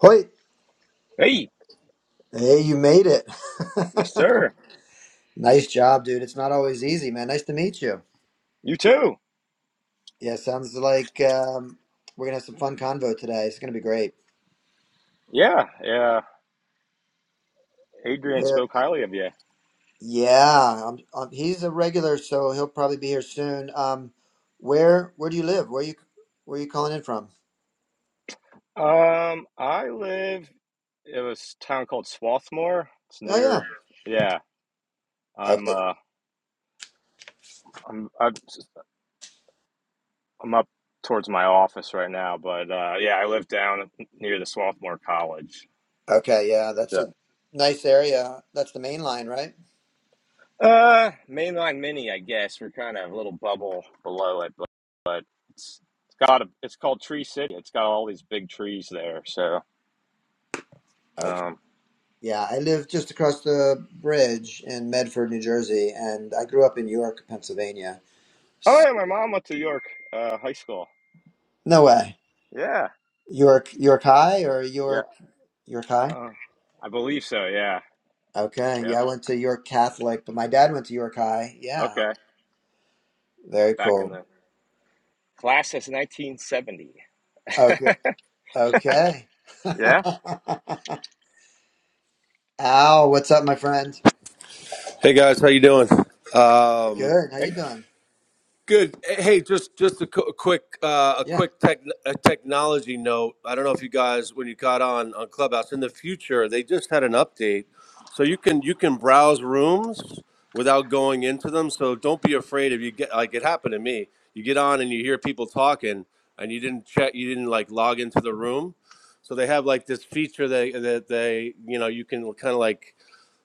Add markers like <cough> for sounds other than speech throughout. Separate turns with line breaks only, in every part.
Hoyt,
Hey,
hey, you made it.
yes, sir.
<laughs> nice job, dude. It's not always easy, man. Nice to meet you.
You too.
Yeah, sounds like um, we're gonna have some fun convo today. It's gonna be great.
Yeah, yeah. Adrian
Where?
spoke highly of you.
Yeah, um um he's a regular, so he'll probably be here soon. Um, where? Where do you live? Where you? Where you calling in from?
Um, I live. It was a town called Swarthmore. It's
Oh yeah.
near. Yeah, I'm.
Okay.
Uh, I'm. I'm, I'm up towards my office right now, but uh, yeah, I live down near the Swarthmore College.
Okay. Yeah, that's
So,
a nice area. That's the main line, right?
uh, mainline mini, I guess. We're kind of a little bubble below it, but but it's it's got a. It's called Tree City. It's got all these big trees there. So,
Okay.
um,
Yeah, I live just across the bridge in Medford, New Jersey, and I grew up in York, Pennsylvania.
Oh
S-
yeah, my mom went to York uh, High School.
No way.
Yeah,
York, York High or
yeah.
York, York High?
Uh, I believe so. Yeah,
Okay.
yeah.
Yeah, I went to York Catholic, but my dad went to York High. Yeah.
Okay,
Very
back in
cool.
the class is 1970.
Okay. Okay. <laughs>
Yeah.
Al, what's up, my friend?
Hey guys, how you doing? Um,
Good. How you
Hey.
doing?
good. Hey, hey, just just a, qu- a quick uh, a
Yeah.
quick tech, a technology note. I don't know if you guys when you got on on Clubhouse in the future, they just had an update, so you can you can browse rooms without going into them. So don't be afraid if you get like it happened to me. You get on and you hear people talking, and you didn't check, you didn't like log into the room. So they have like this feature that that they you know you can kind of like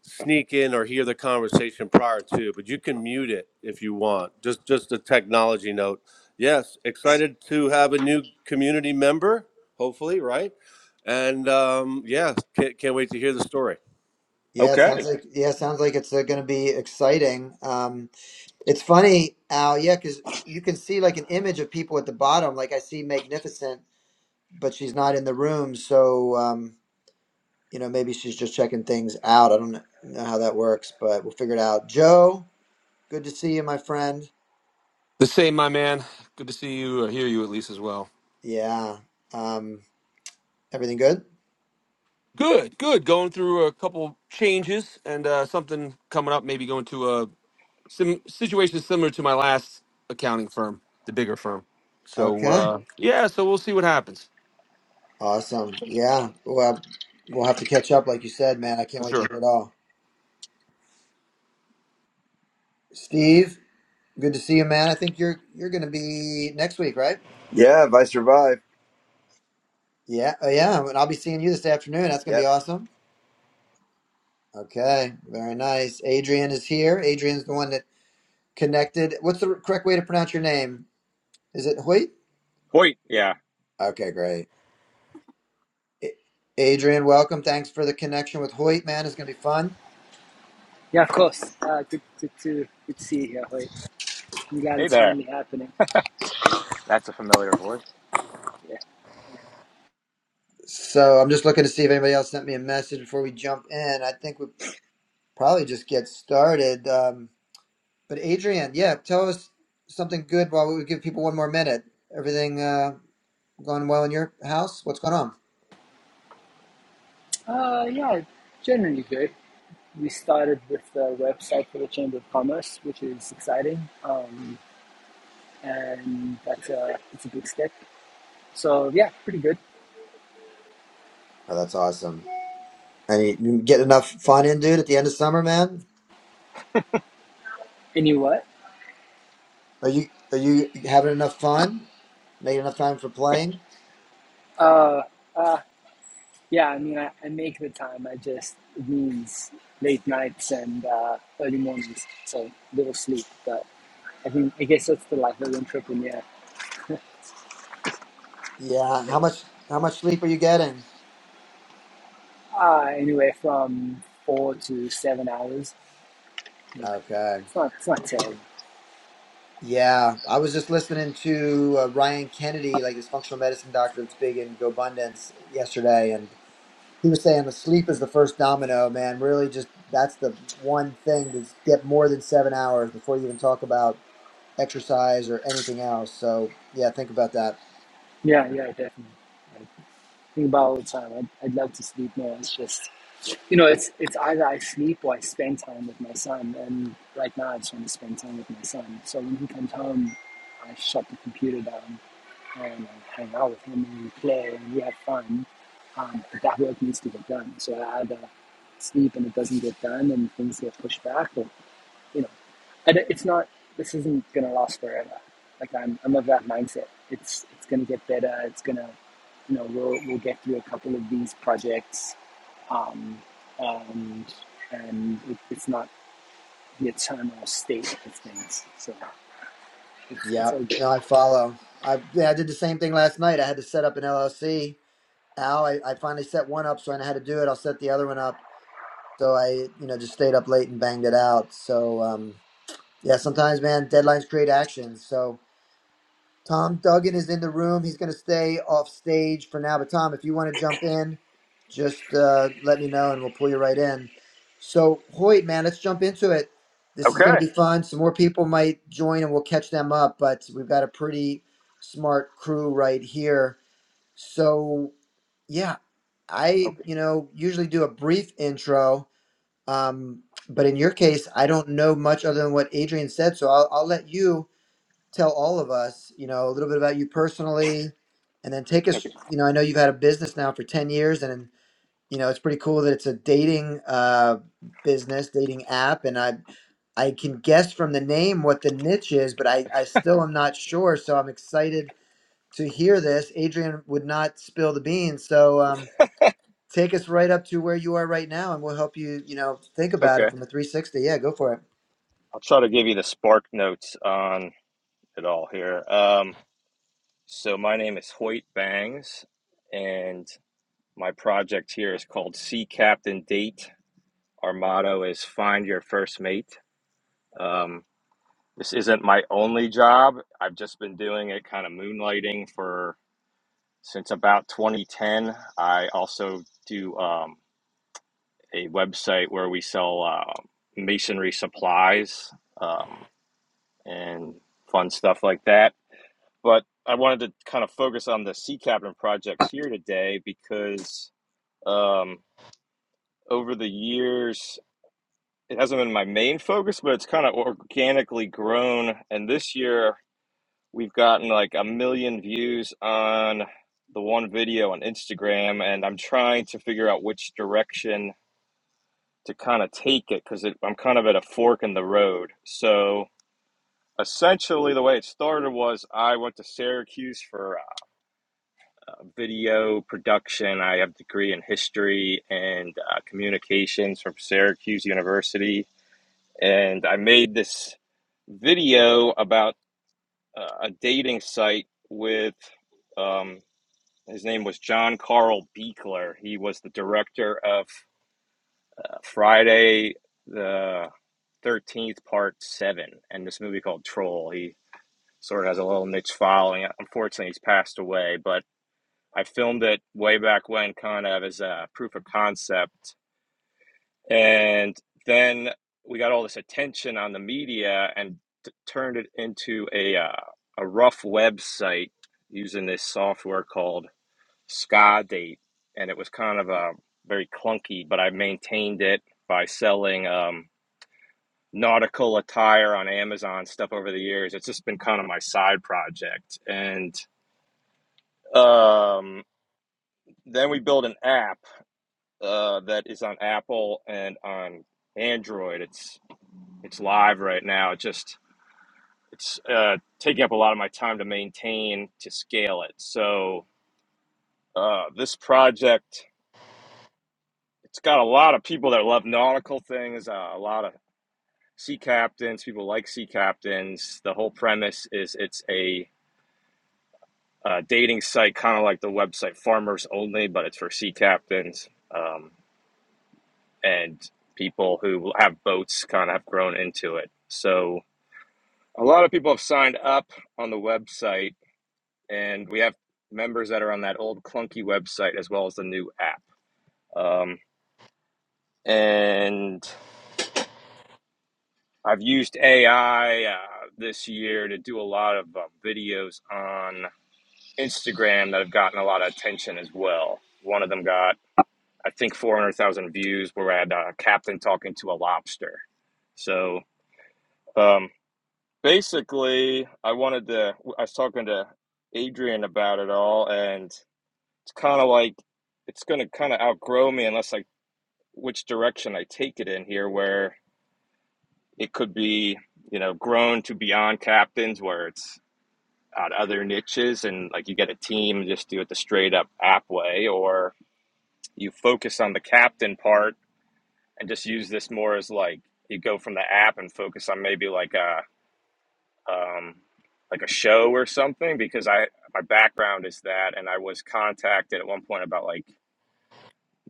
sneak in or hear the conversation prior to, but you can mute it if you want. Just just a technology note. Yes, excited to have a new community member, hopefully, right? And um, yeah, can't, can't wait to hear the story.
Yeah, it sounds
Okay.
like yeah, it sounds like it's uh, going to be exciting. Um, it's funny, Al. Yeah, because you can see like an image of people at the bottom. Like I see Magnificent, but she's not in the room. So um, you know, maybe she's just checking things out. I don't know how that works, but we'll figure it out. Joe, good to see you, my friend.
The same, my man. Good to see you or hear you at least as well.
Yeah. Um, everything good?
Good, good. Going through a couple changes and uh, something coming up. Maybe going to a sim- situation similar to my last accounting firm, the bigger firm. So
Okay.
uh, yeah, so we'll see what happens
Awesome.
for
Yeah. Well, we'll have to catch up, like you said, man. I can't wait to
sure.
hear it all. Steve, good to see you, man. I think you're you're going to be next week, right?
Yeah, if I survive.
Yeah. Oh, yeah. And I'll be seeing you this afternoon. That's going to be
Yep.
awesome. Okay. Very nice. Adrian is here. Adrian's the one that connected. What's the correct way to pronounce your name? Is it Hoyt?
Wait. Yeah.
Okay, great. A- Adrian, welcome. Thanks for the connection with Hoyt, man. It's going to be fun.
Yeah, of course. Uh, good, good to good to see you here, Hoyt. I'm glad
Hey
it's
there.
finally happening.
That's a familiar voice.
Yeah.
So I'm just looking to see if anybody else sent me a message before we jump in. I think we probably just get started. Um, but Adrian, yeah, tell us something good while we give people one more minute. Everything uh, going well in your house? What's going on?
Uh, yeah, generally good. We started with the website for the Chamber of Commerce, which is exciting, um, and that's a it's a big step. So yeah, pretty good.
Oh, that's awesome. And you, you get enough fun in, dude, at the end of summer, man?
And you what?
Are you are you having enough fun? Making enough time for playing?
Uh, uh, yeah. I mean, I, I make the time. I just it means late nights and uh, early mornings, so little sleep. But I think I guess that's the life of an entrepreneur.
Yeah.
Yeah.
How much how much sleep are you getting?
uh, anywhere from four to seven hours. Yeah,
Okay.
it's not it's not terrible.
Yeah, I was just listening to uh, Ryan Kennedy, like his functional medicine doctor that's big in GoBundance yesterday, and he was saying the sleep is the first domino, man. Really, just that's the one thing to get more than seven hours before you even talk about exercise or anything else. So yeah, think about that.
Yeah, yeah, definitely. I think about it all the time. I'd, I'd love to sleep more. It's just you know, it's it's either I sleep or I spend time with my son. And right now, I just want to spend time with my son. So when he comes home, I shut the computer down and I hang out with him and we play and we have fun. Um, but that work needs to get done. So I either sleep and it doesn't get done and things get pushed back, or you know. and it's not this isn't gonna last forever like i'm i'm of that mindset it's it's gonna get better it's gonna you know we'll we'll get through a couple of these projects um and and it, it's not the eternal state of things so it's it's
Yep.
all good
No, I follow. I yeah, I did the same thing last night. I had to set up an LLC. Al, I, I finally set one up, so I know how to do it. I'll set the other one up. So I, you know, just stayed up late and banged it out. So um, yeah, sometimes, man, deadlines create actions. So Tom Duggan is in the room. He's going to stay off stage for now. But Tom, if you want to jump in, just uh, let me know and we'll pull you right in. So Hoyt, man, let's jump into it. This is going
Okay.
to be fun. Some more people might join and we'll catch them up. But we've got a pretty smart crew right here. So yeah, I,
Okay.
you know, usually do a brief intro um, but in your case, I don't know much other than what Adrian said, so I'll, I'll let you tell all of us, you know, a little bit about you personally, and then take us.
Okay.
You know, I know you've had a business now for ten years, and you know it's pretty cool that it's a dating uh, business, dating app, and I I can guess from the name what the niche is, but I I still am not sure, so I'm excited to hear this. Adrian would not spill the beans, so. Um, take us right up to where you are right now and we'll help you you know think about it
Okay.
from a 360 yeah go for it
I'll try to give you the spark notes on it all here. Um, so my name is Hoyt Bangs, and my project here is called Sea Captain Date. Our motto is Find Your First Mate. Um, This isn't my only job. I've just been doing it kind of moonlighting for since about 2010. I also do um, a website where we sell uh, masonry supplies um, and fun stuff like that. But I wanted to kind of focus on the sea cabin project here today because um, over the years, it hasn't been my main focus, but it's kind of organically grown. And this year, We've gotten like a million views on the one video on Instagram, and I'm trying to figure out which direction to kind of take it because it, I'm kind of at a fork in the road. So essentially, the way it started was I went to Syracuse for uh, video production. I have a degree in history and uh, communications from Syracuse University, and I made this video about uh, a dating site with. Um, His name was John Carl Beekler. He was the director of uh, Friday the 13th, Part 7, and this movie called Troll. He sort of has a little niche following. Unfortunately, he's passed away, but I filmed it way back when, kind of as a proof of concept. And then we got all this attention on the media and t- turned it into a, uh, a rough website using this software called ska date, and it was kind of a very clunky. But I maintained it by selling um, nautical attire on Amazon stuff over the years. It's just been kind of my side project, and um, then we built an app uh, that is on Apple and on Android. It's it's live right now. It just it's uh, taking up a lot of my time to maintain to scale it. So uh, this project It's got a lot of people that love nautical things, uh, a lot of sea captains, people like sea captains. The whole premise is it's a uh, dating site, kind of like the website Farmers Only, but it's for sea captains um, and people who have boats kind of have grown into it. So a lot of people have signed up on the website, and we have members that are on that old clunky website as well as the new app. Um, and I've used AI uh, this year to do a lot of uh, videos on Instagram that have gotten a lot of attention as well. One of them got, I think, 400,000 views where I had uh, a captain talking to a lobster. So um, basically, I wanted to, I was talking to Adrian about it all, and it's kind of like, it's going to kind of outgrow me unless I, which direction I take it in here, where it could be you know, grown to beyond captains where it's out other niches and like you get a team and just do it the straight up app way or you focus on the captain part and just use this more as like you go from the app and focus on maybe like a um, like a show or something because I my background is that and I was contacted at one point about like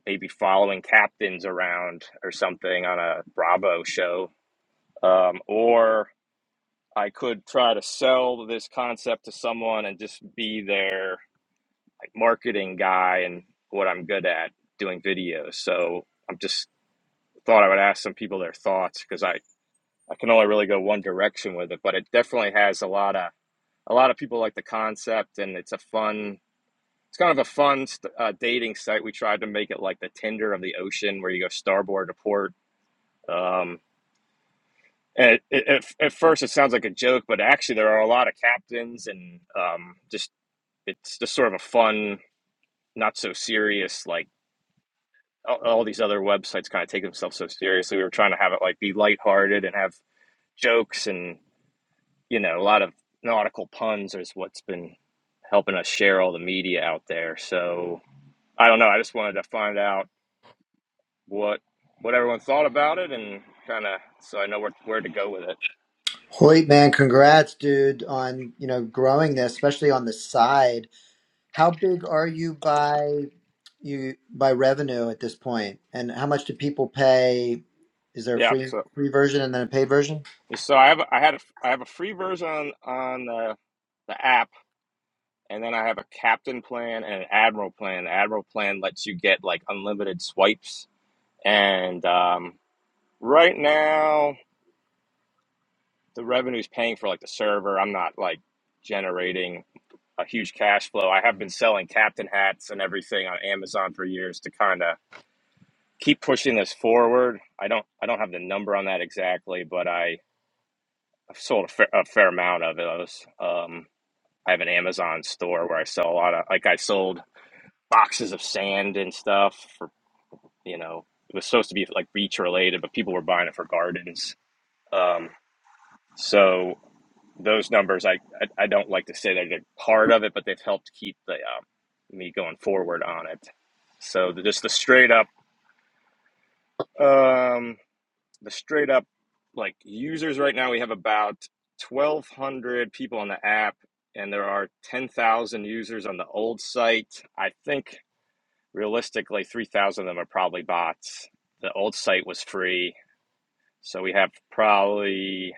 maybe following captains around or something on a Bravo show um, or I could try to sell this concept to someone and just be there marketing guy and what I'm good at doing videos. So I'm just thought I would ask some people their thoughts because I, I can only really go one direction with it, but it definitely has a lot of a lot of people like the concept and it's a fun it's kind of a fun uh, dating site. We tried to make it like the Tinder of the ocean where you go starboard to port. Um, and it, it, at at first it sounds like a joke, but actually there are a lot of captains and um, just it's just sort of a fun, not so serious like all, all these other websites kind of take themselves so seriously. We were trying to have it like be lighthearted and have jokes and you know a lot of nautical puns is what's been helping us share all the media out there. So I don't know. I just wanted to find out what what everyone thought about it and kind of so I know where where to go with it.
hoyt man congrats dude on you know growing this especially on the side how big are you by you by revenue at this point point? and how much do people pay is there a
Yeah.
free
So
free version and then a paid version
so I have a- I had a, I have a free version on on the, the app. And then I have a captain plan and an admiral plan. The admiral plan lets you get like unlimited swipes And um, right now, the revenue is paying for like the server. I'm not like generating a huge cash flow. I have been selling captain hats and everything on Amazon for years to kind of keep pushing this forward. I don't I don't have the number on that exactly, but I I've sold a fair, a fair amount of those. Um, I have an Amazon store where I sell a lot of like I sold boxes of sand and stuff for you know it was supposed to be like beach related, but people were buying it for gardens. Um, so those numbers, I, I I don't like to say they're a part of it, but they've helped keep the um, me going forward on it. So the, just the straight up, um, the straight up like users right now, we have about twelve hundred people on the app, and there are ten thousand users on the old site. I think realistically, three thousand of them are probably bots. The old site was free, so we have probably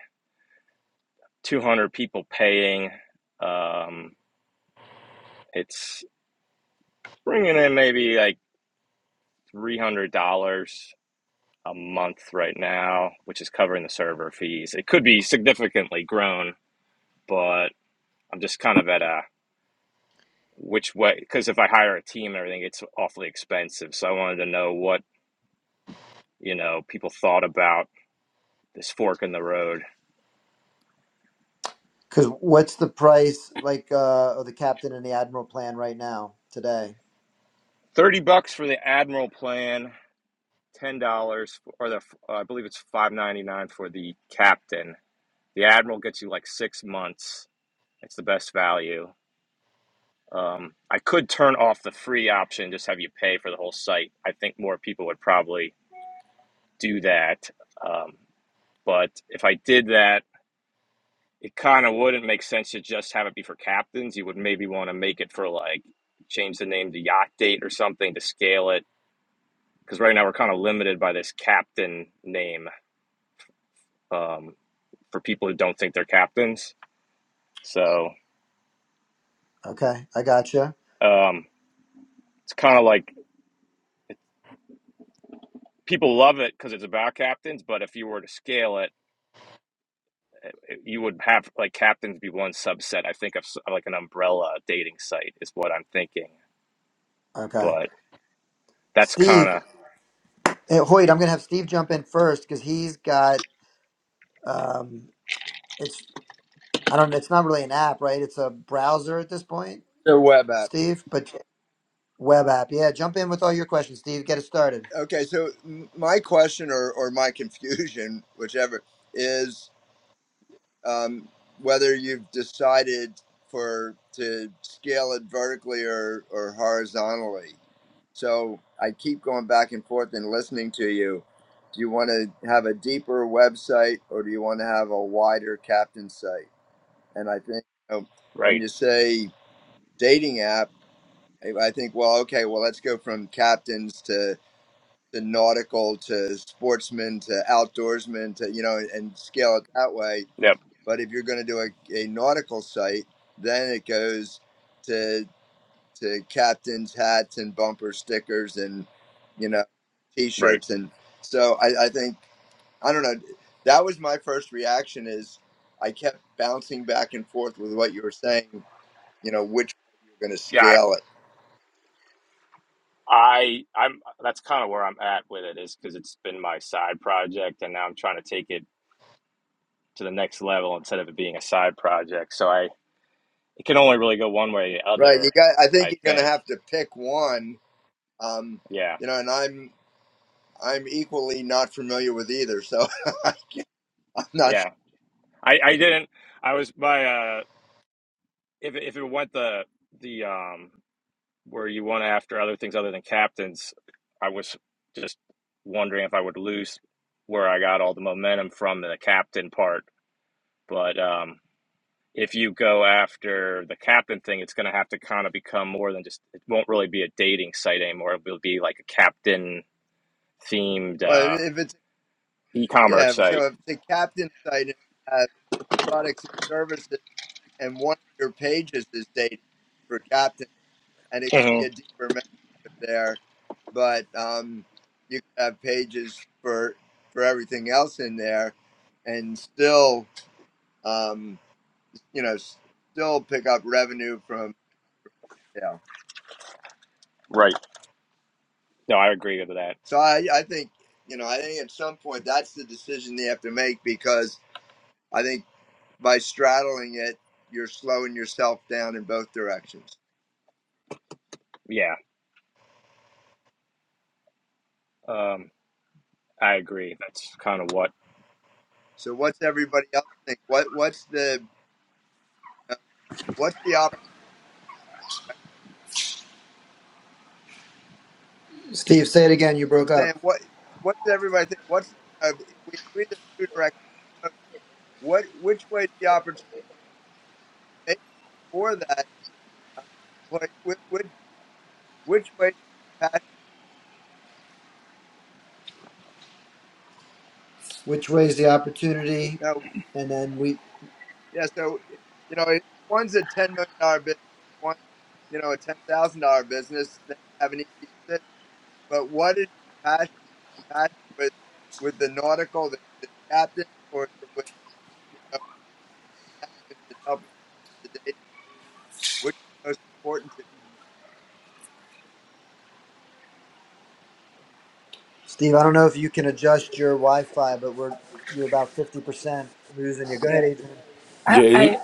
two hundred people paying. Um, it's Bringing in maybe like $300 a month right now, which is covering the server fees. It could be significantly grown, but I'm just kind of at a which way, because if I hire a team and everything, it's awfully expensive. So I wanted to know what, you know, people thought about this fork in the road.
because what's the price like uh of the captain and the admiral plan right now today
30 bucks for the Admiral plan, $10 or the uh, I believe it's 5.99 for the captain. The Admiral gets you like 6 months. It's the best value Um, I could turn off the free option, just have you pay for the whole site. I think more people would probably do that. Um, but if I did that, it kind of wouldn't make sense to just have it be for captains. You would maybe want to make it for like change the name to Yacht Date or something to scale it. Because right now we're kind of limited by this captain name um, for people who don't think they're captains. So
okay i gotcha
um, it's kind of like people love it because it's about captains. But if you were to scale it, you would have like captains be one subset. I think of s- like an umbrella dating site is what I'm thinking,
okay
but that's kind
steve
of
Hey, Hoyt, I'm going to have Steve jump in first because he's got Um, it's I don't. It's not really an app, right? It's a browser at this point,
The
or-
web app.
Steve. But web app, yeah. Jump in with all your questions, Steve. Get it started.
Okay, so m- my question or, or my confusion, <laughs> whichever, is um, whether you've decided for to scale it vertically or, or horizontally. So I keep going back and forth and listening to you. Do you want to have a deeper website or do you want to have a wider captain site? And I think you know, when
right.
you say dating app. I I think, well, okay, well, let's go from captains to to nautical to sportsmen to outdoorsmen to you know and scale it that way.
Yep,
But if you're going to do a, a nautical site, then it goes to to captains hats and bumper stickers and you know
right.
t-shirts and so I, I think I don't know. That was my first reaction. Is I kept bouncing back and forth with what you were saying. You know which way you're going to
Yeah,
scale it
I, I I'm that's kind of where I'm at with it is because it's been my side project, and now I'm trying to take it to the next level instead of it being a side project. So I it can only really go one way or the
Right,
other.
you got. I think
I
you're going to
think.
have to pick one. Um,
Yeah,
you know, and I'm I'm equally not familiar with either, so <laughs> I'm not
yeah.
sure.
I I didn't. I was my uh if it- if it went the the um where you went after other things other than captains, I was just wondering if I would lose where I got all the momentum from the captain part. But um, if you go after the captain thing, it's going to have to kind of become more than just, it won't really be a dating site anymore. It will be like a captain themed
Well, if
uh,
if it's
e
yeah,
commerce
if-
site.
so if the captain site has products and services, and one of your pages is dating for captain, and it could
hmm
be a deeper membership there, but um, you could have pages for for everything else in there, and still um, you know, s- still pick up revenue from sales.
Right. No, I agree with that.
So I, I think, you know, I think at some point that's the decision they have to make because I think by straddling it, you're slowing yourself down in both directions.
Yeah. Um, I agree. That's kind of what.
So what's everybody else think? What what's the uh, what's the opportunity?
Steve, say it again. You
I'm
broke
saying
up.
what what does everybody think? What's uh, if we agree there's two directions to go, what which way is the opportunity? Maybe before that, uh, what which which way is your passion?
Which way is the opportunity?
uh,
And then we,
Yeah, so you know, if one's a ten million dollar business, one, you know, a ten thousand dollar business, then you have an easy decision. But what is your passion? Passion with with the nautical, the, the captain, or is it with you know actions and helping people in the dating? Which is most important
Steve. I don't know if you can adjust your Wi-Fi, but we're you're about fifty percent losing you. Go ahead,
yeah
Adrian.
i
Yeah, he,
i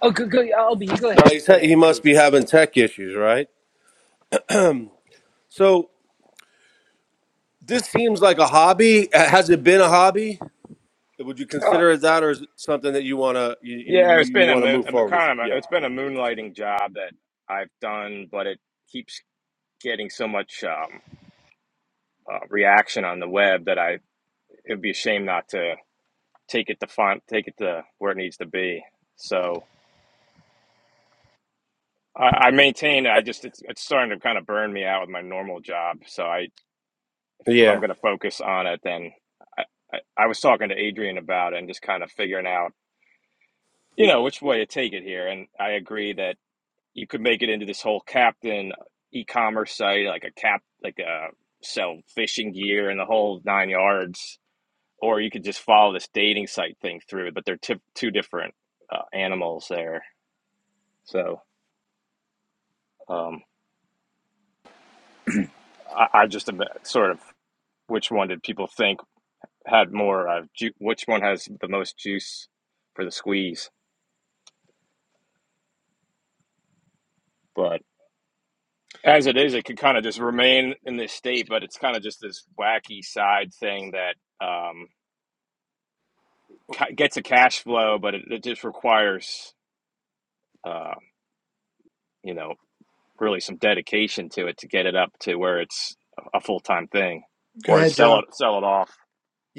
oh go, go i'll be you go
no,
ahead
he's,
go
ha-
ahead
he must
please
be having tech issues, right? So this seems like a hobby. Uh, Has it been a hobby? Would you
uh,
consider it that, or is it something that you wanna you,
Yeah,
you,
it's
you
been a,
wanna
mo-
move
a
forward with?
kind of a,
Yeah.
it's been a moonlighting job that I've done, but it keeps getting so much um, uh, reaction on the web that I it'd be a shame not to take it to font, take it to where it needs to be. So I, I maintain. I just it's, it's starting to kind of burn me out with my normal job. So I if
Yeah.
I'm going to focus on it, then I, I, I was talking to Adrian about it and just kind of figuring out you know which way to take it here, and I agree that. you could make it into this whole captain uh, e-commerce site like a cap like a sell fishing gear and the whole nine yards or you could just follow this dating site thing through but they're tip two different uh, animals there so um, I, I just am- uh, sort of which one did people think had more uh, ju- which one has the most juice for the squeeze but as it is it could kind of just remain in this state but it's kind of just this wacky side thing that um, gets a cash flow, but it, it just requires, uh, you know, really some dedication to it to get it up to where it's a full time thing,
Go
or
ahead,
sell
Joe.
it sell it off.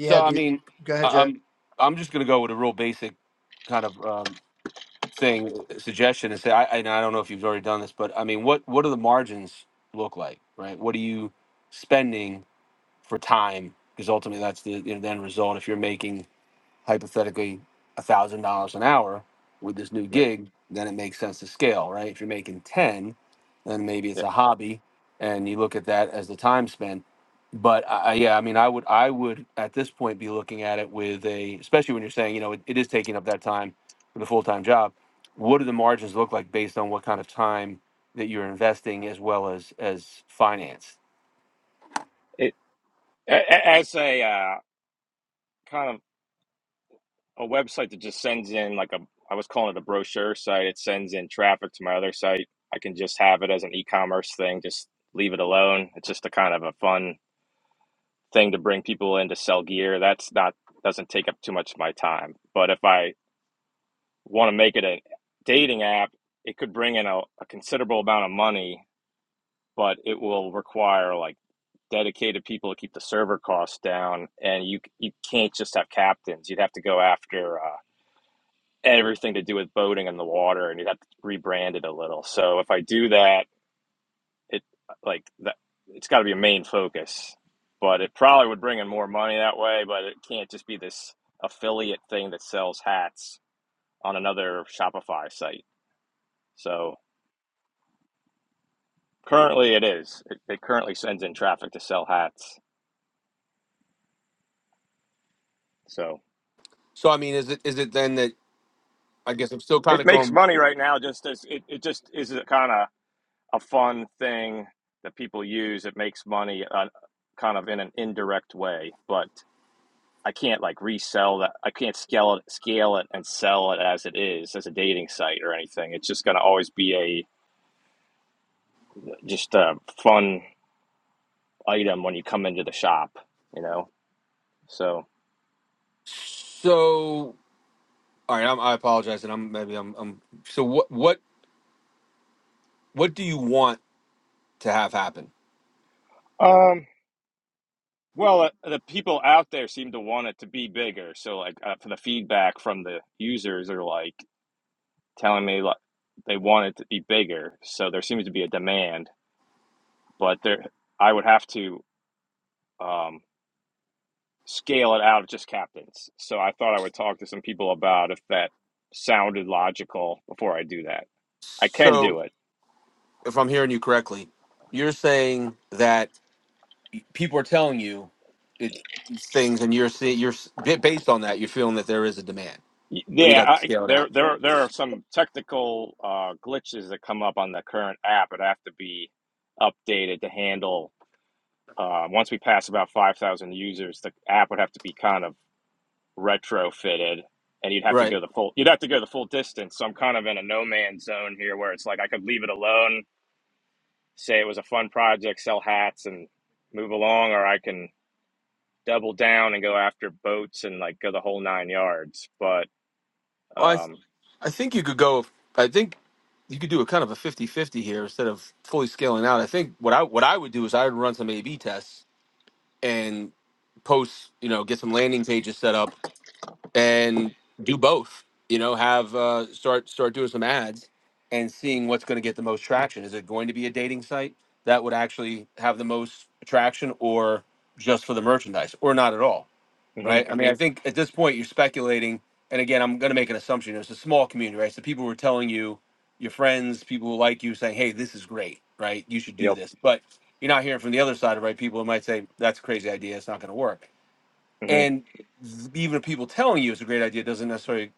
So
do
I
you,
mean,
go ahead,
I-
Joe.
I'm I'm just gonna go with a real basic kind of um, thing suggestion and say I, and I don't know if you've already done this, but I mean, what what do the margins look like, right? What are you spending? for time because ultimately that's the, you know, the end result. If you're making hypothetically a thousand dollars an hour with this new gig, then it makes sense to scale, right? If you're making ten, then maybe it's
It,
a hobby, and you look at that as the time spent. But I, I- yeah, I mean, I would I would at this point be looking at it with a, especially when you're saying you know it, it is taking up that time with a full time job. What do the margins look like based on what kind of time that you're investing as well as as finance?
it as a uh, kind of a website that just sends in like a I was calling it a brochure site. It sends in traffic to my other site. I can just have it as an e-commerce thing. Just leave it alone. It's just a kind of a fun thing to bring people in to sell gear. That's not doesn't take up too much of my time. But if I want to make it a dating app, it could bring in a, a considerable amount of money, but it will require like dedicated people to keep the server costs down, and you you can't just have captains. You'd have to go after uh, everything to do with boating in the water, and you'd have to rebrand it a little. So if I do that, it like that, it's got to be a main focus. But it probably would bring in more money that way, but it can't just be this affiliate thing that sells hats on another Shopify site. So Currently, it is. It, it currently sends in traffic to sell hats. So
So I mean, is it is it then that I guess I'm still kind
it
of
makes
going.
money right now. Just as it, it just is kind of a fun thing that people use. It makes money uh, kind of in an indirect way, but I can't like resell that. I can't scale it, scale it, and sell it as it is as a dating site or anything. It's just going to always be a just a fun item when you come into the shop, you know. So.
So, all right, I'm, I apologize, and I'm maybe I'm, I'm. So, what what what do you want to have happen?
Um, Well, uh, the people out there seem to want it to be bigger. So, like, uh, for the feedback from the users, are like telling me like they want it to be bigger. So there seems to be a demand, but there, I would have to um, scale it out of just captains. So I thought I would talk to some people about if that sounded logical before I do that. I can
So,
do it.
if I'm hearing you correctly, you're saying that people are telling you it things, and you're seeing you're s- ba- based on that, you're feeling that there is a demand,
Y-
but you'd
Yeah,
have to
I,
scale it
there,
out,
there, there are some technical uh, glitches that come up on the current app. It have to be updated to handle. Uh, once we pass about 5,000 users, the app would have to be kind of retrofitted, and you'd have to
right?
go the full you'd have to go the full distance. So I'm kind of in a no man's zone here, where it's like I could leave it alone, say it was a fun project, sell hats, and move along, or I can double down and go after boats and like go the whole nine yards. But
Well, I
um,
I think you could go. I think you could do a kind of a fifty-fifty here instead of fully scaling out. I think what I what I would do is I would run some A/B tests and post, you know, get some landing pages set up and do both. You know, have uh, start start doing some ads and seeing what's going to get the most traction. Is it going to be a dating site that would actually have the most traction, or just for the merchandise, or not at all?
hmm
right? I mean, I think at this point you're speculating, and again, I'm going to make an assumption. It's a small community, right? So people were telling you, your friends, people who like you, saying, "Hey, this is great, right? You should do
yep,
this." But you're not hearing from the other side, right? People who might say, "That's a crazy idea. It's not going to work."
hmm
And even if people telling you it's a great idea doesn't necessarily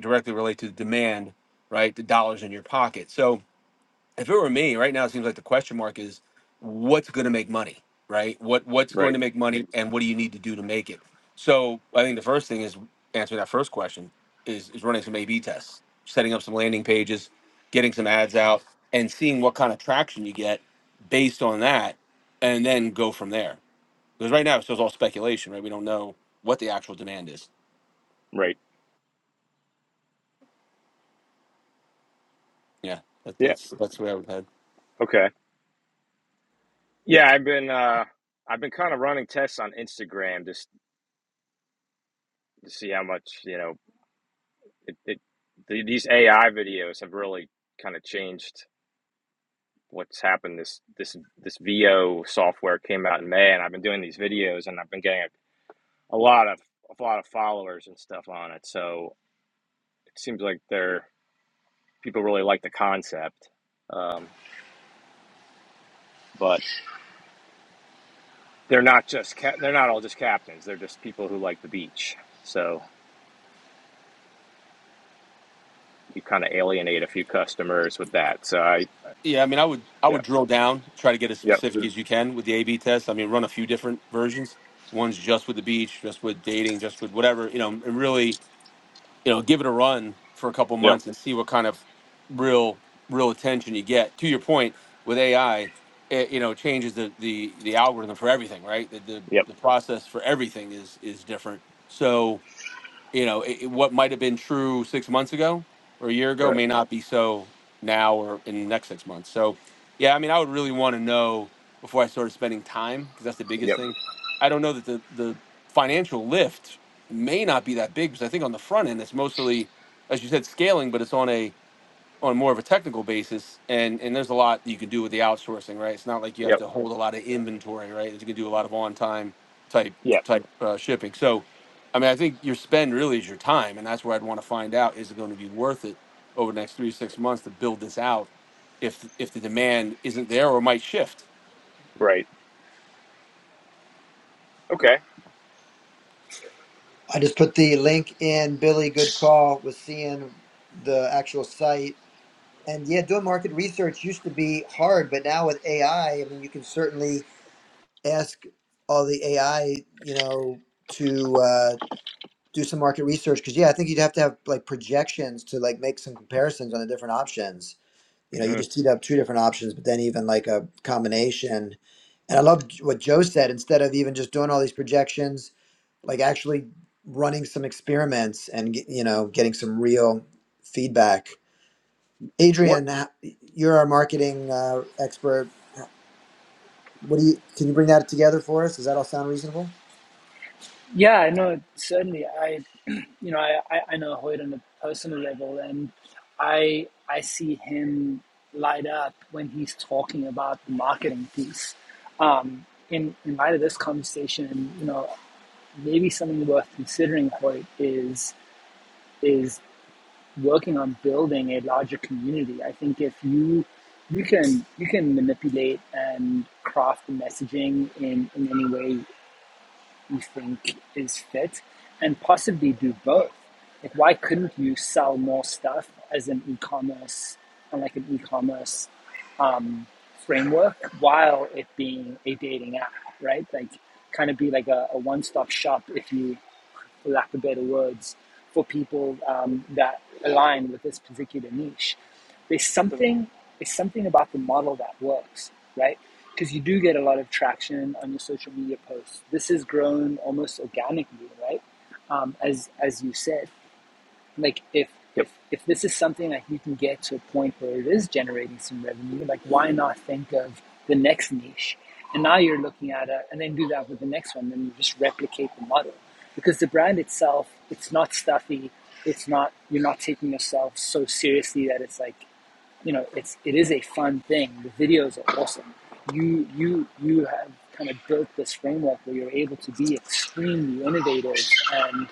directly relate to the demand, right? The dollars in your pocket. So if it were me right now it seems like the question mark is what's going to make money right what what's going
right,
to make money and what do you need to do to make it so i think the first thing is answering that first question is is running some a b tests setting up some landing pages getting some ads out and seeing what kind of traction you get based on that and then go from there because right now it's just all speculation right we don't know what the actual demand is
right,
yeah that,
yeah,
that's that's where i would head
okay, yeah. I've been uh, I've been kind of running tests on Instagram just to see how much you know it, it the, these AI videos have really kind of changed what's happened. This this this VO software came out in May, and I've been doing these videos, and I've been getting a, a lot of a lot of followers and stuff on it. So it seems like they're people really like the concept, um, but they're not just ca- they're not all just captains. They're just people who like the beach. So you kind of alienate a few customers with that. So I
Yeah, I mean, I would I
yeah
would drill down, try to get as
yep
specific Yeah. as you can with the A/B test. I mean, run a few different versions. One's just with the beach, just with dating, just with whatever you know, and really you know, give it a run for a couple
yep
months and see what kind of real real attention you get. To your point with AI, it, you know, changes the the the algorithm for everything, right? The, the
yep
the process for everything is is different. So you know it, it- what might have been true six months ago or a year ago
right
may not be so now or in the next six months so yeah i mean i would really want to know before i started spending time because that's the biggest
yep
thing i don't know that the, the financial lift may not be that big because i think on the front end it's mostly as you said scaling but it's on a on more of a technical basis and and there's a lot that you can do with the outsourcing right it's not like you have
yep
to hold a lot of inventory right you can do a lot of on time type
yep
type uh, shipping so i mean i think your spend really is your time and that's where i'd want to find out is it going to be worth it over the next three to six months to build this out if if the demand isn't there or might shift
right. Okay.
I just put the link in Billy. Good call with seeing the actual site And yeah, doing market research used to be hard, but now with AI, I I mean, you can certainly ask all the AI, you know, to uh, do some market research. Because yeah, I think you'd have to have like projections to like make some comparisons on the different options. You know, you
hmm
just teed up two different options, but then even like a combination. And I love what Joe said. Instead of even just doing all these projections, like actually running some experiments and get- you know getting some real feedback.
What?
Adrian, h- you're our marketing uh, expert. What do you? Can you bring that together for us? Does that all sound reasonable?
Yeah, I know certainly. I, <clears throat> you know, I, I I know Hoyt on a personal level, and I I see him light up when he's talking about the marketing piece. Um, in in light of this conversation, you know, maybe something worth considering, Hoyt, is is working on building a larger community. I think if you you can you can manipulate and craft the messaging in in any way you think is fit and possibly do both. Like why couldn't you sell more stuff as an e-commerce on like an e-commerce um, framework while it being a dating app, right? Like kind of be like a, a one-stop shop if you for lack of better words, for people um, that align with this particular niche. There's something there's something about the model that works, right? Because you do get a lot of traction on your social media posts. This has grown almost organically, right? Um, as as you said, like if
Yep.
if if this is something that you can get to a point where it is generating some revenue like why not think of the next niche and now you're looking at it and then do that with the next one and just replicate the model because the brand itself it's not stuffy it's not you're not taking yourself so seriously that it's like you know it's it is a fun thing the videos are awesome you you you have kind of built this framework where you're able to be extremely innovative and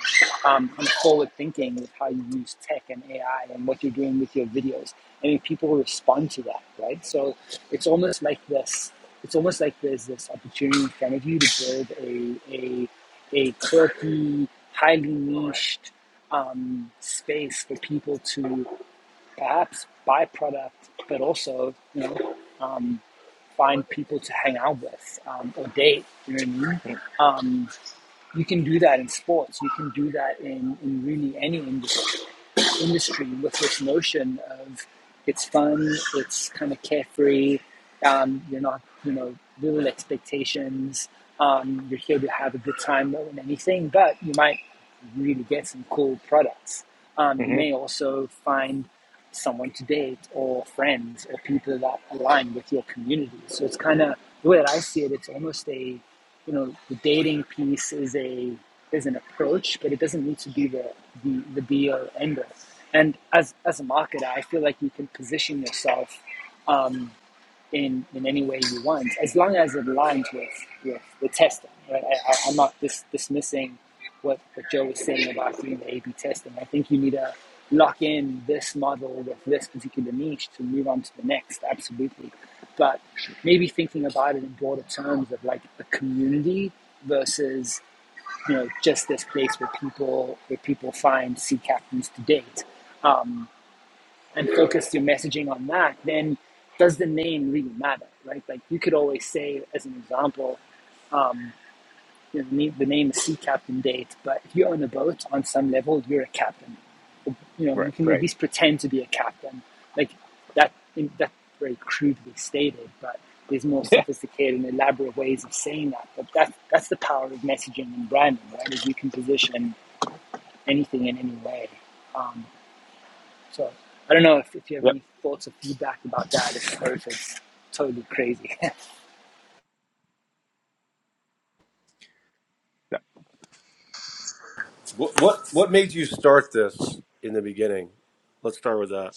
um, kind of forward thinking with how you use tech and ai and what you're doing with your videos i mean people respond to that right so it's almost like this it's almost like there's this opportunity in front of you to build a a a quirky highly niched um, space for people to perhaps byproduct, but also, you know, um, find people to hang out with um, or date. You know what I mean? Um, you can do that in sports. You can do that in, in really any industry, industry with this notion of it's fun, it's kind of carefree. Um, you're not, you know, little expectations. Um, you're here to have a good time more than anything, but you might really get some cool products. Um, you
hmm
may also find someone to date or friends or people that align with your community. So it's kind of the way that I see it. It's almost a, you know, the dating piece is a is an approach, but it doesn't need to be the the, the be or end all. And as as a marketer, I feel like you can position yourself um, in in any way you want, as long as it aligns with with the testing. Right? I, I, am not dis- dismissing what what Joe was saying about doing the A/B testing. I think you need to lock in this model with this particular niche to move on to the next. Absolutely, but maybe thinking about it in broader terms of like a community versus you know just this place where people where people find sea captains to date. Um, and focus your messaging on that, then does the name really matter, right? Like you could always say, as an example, um, you know, the, name, the name is Sea Captain Date, but if you're on a boat on some level, you're a captain. You know, you
Right.
can at
Right.
least pretend to be a captain. Like that, in- that's very crudely stated, but there's more
<laughs> Yeah.
sophisticated and elaborate ways of saying that. But that's, that's the power of messaging and branding, right? Is you can position anything in any way. Um, so I don't know if, if you have
yep.
any thoughts or feedback about that if- or if it's totally totally crazy.
Yep.
What what what made you start this in the beginning? Let's start with that.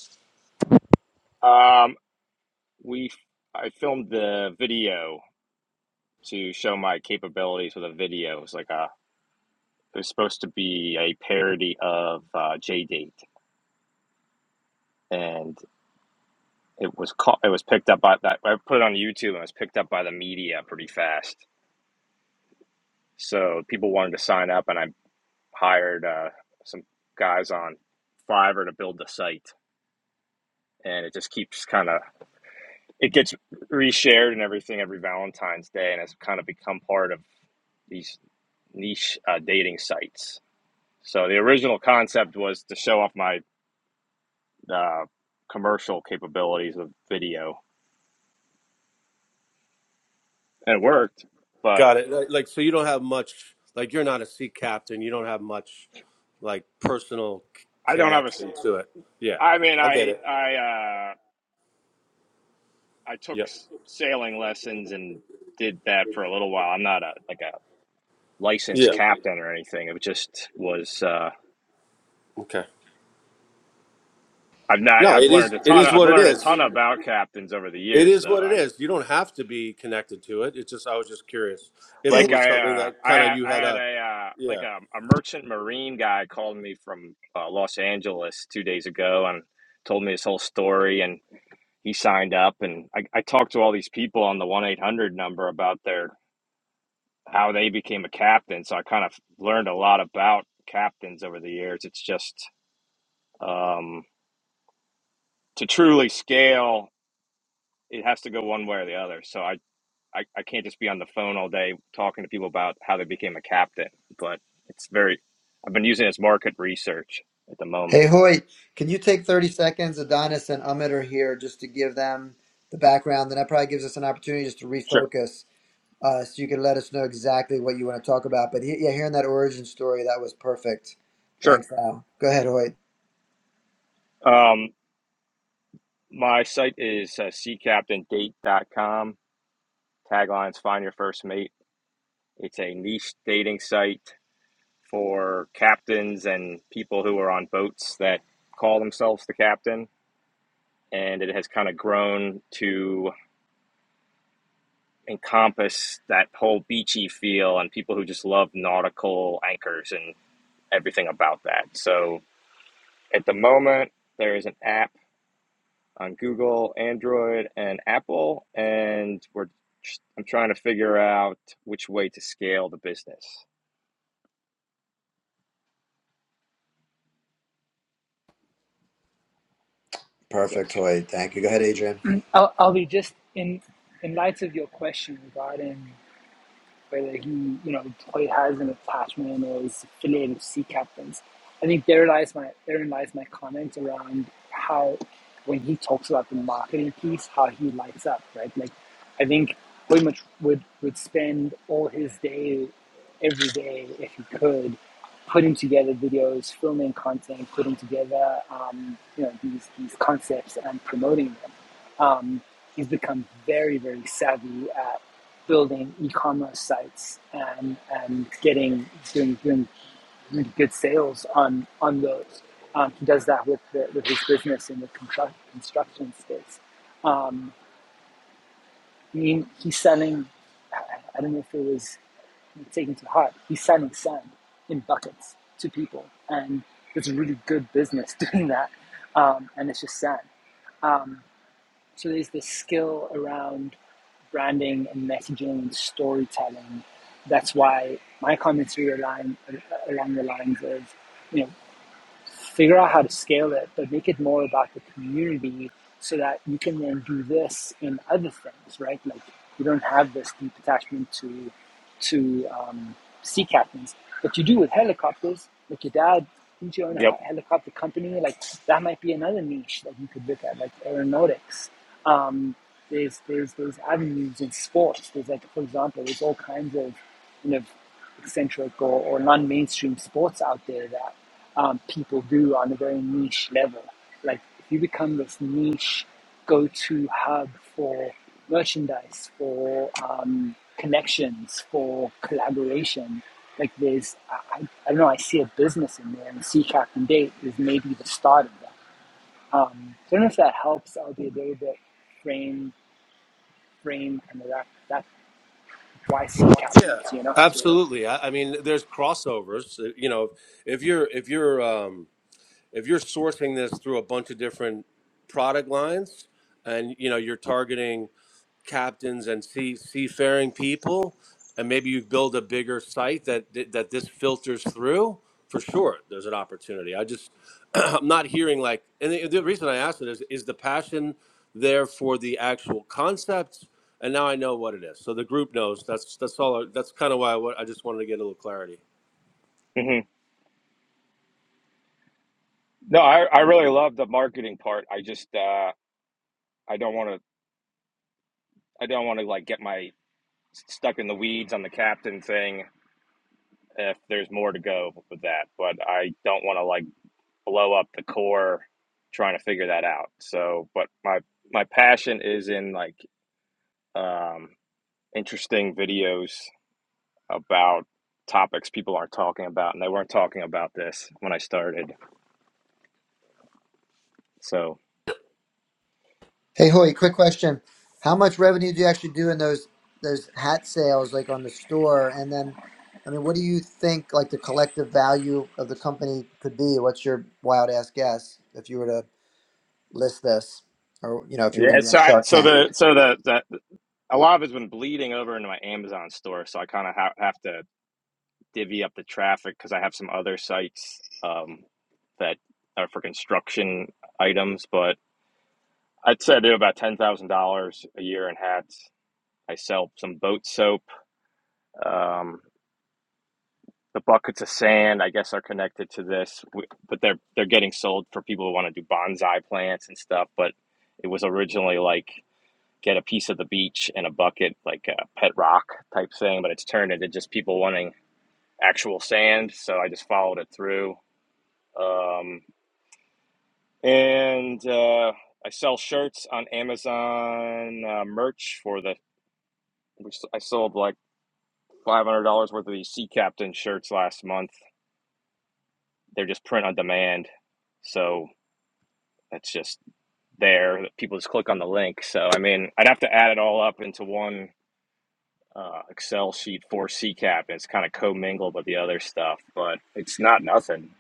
Um, we I filmed the video to show my capabilities with a video. It was like a it was supposed to be a parody of uh, J Date, and it was caught. It was picked up by that. I put it on YouTube, and it was picked up by the media pretty fast. So people wanted to sign up, and I hired uh, some guys on Fiverr to build the site, and it just keeps kind of it gets reshared and everything every Valentine's Day, and it's kind of become part of these niche uh, dating sites. So the original concept was to show off my uh, commercial capabilities of video, and it worked. But
Got it. Like, like, so you don't have much. Like you're not a sea captain. You don't have much like personal c-
I don't have a. s-
connection to it. Yeah,
I mean,
I get
I
it.
I uh, I took
Yeah,
s- sailing lessons and did that for a little while. I'm not a like a licensed
yeah.
captain or anything. It just was. Uh,
Okay.
I've not.
No,
I've
it is.
learned a
It
ton.
is
I've
what it
learned a
is.
ton about captains over the
It
years,
is what it
though.
is. You don't have to be connected to it. It's just I was just curious if it
Hey,
Like
was
I,
something
uh,
that
I
kind of
had,
you
I
had
had
a
a uh, like
yeah
a, a merchant marine guy called me from uh, Los Angeles two days ago and told me his whole story, and he signed up, and I, I talked to all these people on the one eight hundred number about their how they became a captain, so I kind of learned a lot about captains over the years. It's just um, to truly scale, it has to go one way or the other. So I I, I can't just be on the phone all day talking to people about how they became a captain, but it's very, I've been using it as market research at the
Hey,
moment.
Hoy, can you take 30 seconds? Adonis and Amit are here just to give them the background. Then that probably gives us an opportunity just to
Sure,
refocus. uh, so you can let us know exactly what you want to talk about. But he, yeah, hearing that origin story, that was perfect.
sure.
Thanks, Al. Go ahead, Hoyt.
Um, my site is uh, seacaptaindate.com. Taglines Find Your First Mate. It's a niche dating site for captains and people who are on boats that call themselves the captain. And it has kind of grown to encompass that whole beachy feel and people who just love nautical anchors and everything about that. So at the moment, there is an app on Google, Android, and Apple, and we're I'm trying to figure out which way to scale the business. So,
Perfect, Hoyt. Thank you. Go ahead, Adrian.
<laughs> will be just in in light of your question regarding whether he, you know, Toy has an attachment or is affiliated with sea captains. I think therein lies my therein lies my comment around how when he talks about the marketing piece, how he lights up, right? Like I think Hoy much would would spend all his day every day if he could putting together videos, filming content, putting together um, you know these these concepts and promoting them. Um, he's become very very savvy at building e-commerce sites and and getting doing doing really good sales on on those. Um, he does that with the, with his business in the constru- construction space. Um, I mean, he's selling. I I don't know if it was taken to heart. He's selling sand in buckets to people, and it's a really good business <laughs> doing that. Um, and it's just sand. Um, so there's this skill around branding and messaging and storytelling. That's why my commentary align along along the lines of, you know, figure out how to scale it, but make it more about the community so that you can then do this in other things, right? Like you don't have this deep attachment to to um, sea captains, but you do with helicopters. Like your dad, didn't you own a
yep.
helicopter company? Like that might be another niche that you could look at, like aeronautics. Um, there's there's there's avenues in sports. There's like for example, there's all kinds of Kind of eccentric or, or non-mainstream sports out there that um, people do on a very niche level. Like if you become this niche go-to hub for merchandise, for um, connections, for collaboration, like there's, I, I I don't know, I see a business in there and Sea Captain Date is maybe the start of that. Um, so I don't know if that helps. I'll be a little bit frame, frame, and that, that why sea
yeah
captains, you know?
absolutely. I, I mean, there's crossovers. You know, if you're if you're um if you're sourcing this through a bunch of different product lines and you know you're targeting captains and sea, seafaring people and maybe you build a bigger site that that this filters through for sure there's an opportunity i just <clears throat> i'm not hearing like and the, the reason i asked it is is the passion there for the actual concept and now i know what it is so the group knows that's that's all I- that's kind of why i, I just wanted to get a little clarity
hmm No, I, I really love the marketing part. I just uh, I don't want to I don't want to like get my stuck in the weeds on the captain thing if there's more to go with that. But I don't want to like blow up the core trying to figure that out. So, but my my passion is in like um, interesting videos about topics people aren't talking about, and they weren't talking about this when I started. So
Hey, Hoyt, quick question. How much revenue do you actually do in those those hat sales, like on the store? And then, I mean, what do you think like the collective value of the company could be? What's your wild ass guess if you were to list this, or you know, if you were
yeah,
going to be
so
on
I,
Shark
so
Tank?
the so the, the a lot of it's been bleeding over into my Amazon store, so I kind of ha- have to divvy up the traffic because I have some other sites um, that are for construction items, but I'd say I do about ten thousand dollars a year in hats. I sell some boat soap. Um, the buckets of sand, I guess, are connected to this, but they're they're getting sold for people who want to do bonsai plants and stuff. But it was originally like get a piece of the beach and a bucket, like a pet rock type thing. But it's turned into just people wanting actual sand. So I just followed it through, um, and uh, I sell shirts on Amazon uh, merch for the. I sold like five hundred dollars worth of these sea captain shirts last month they're just print on demand. So that's just there. People just click on the link. So I mean, I'd have to add it all up into one uh, Excel sheet for C Cap, and it's kind of commingled with the other stuff. But it's not nothing.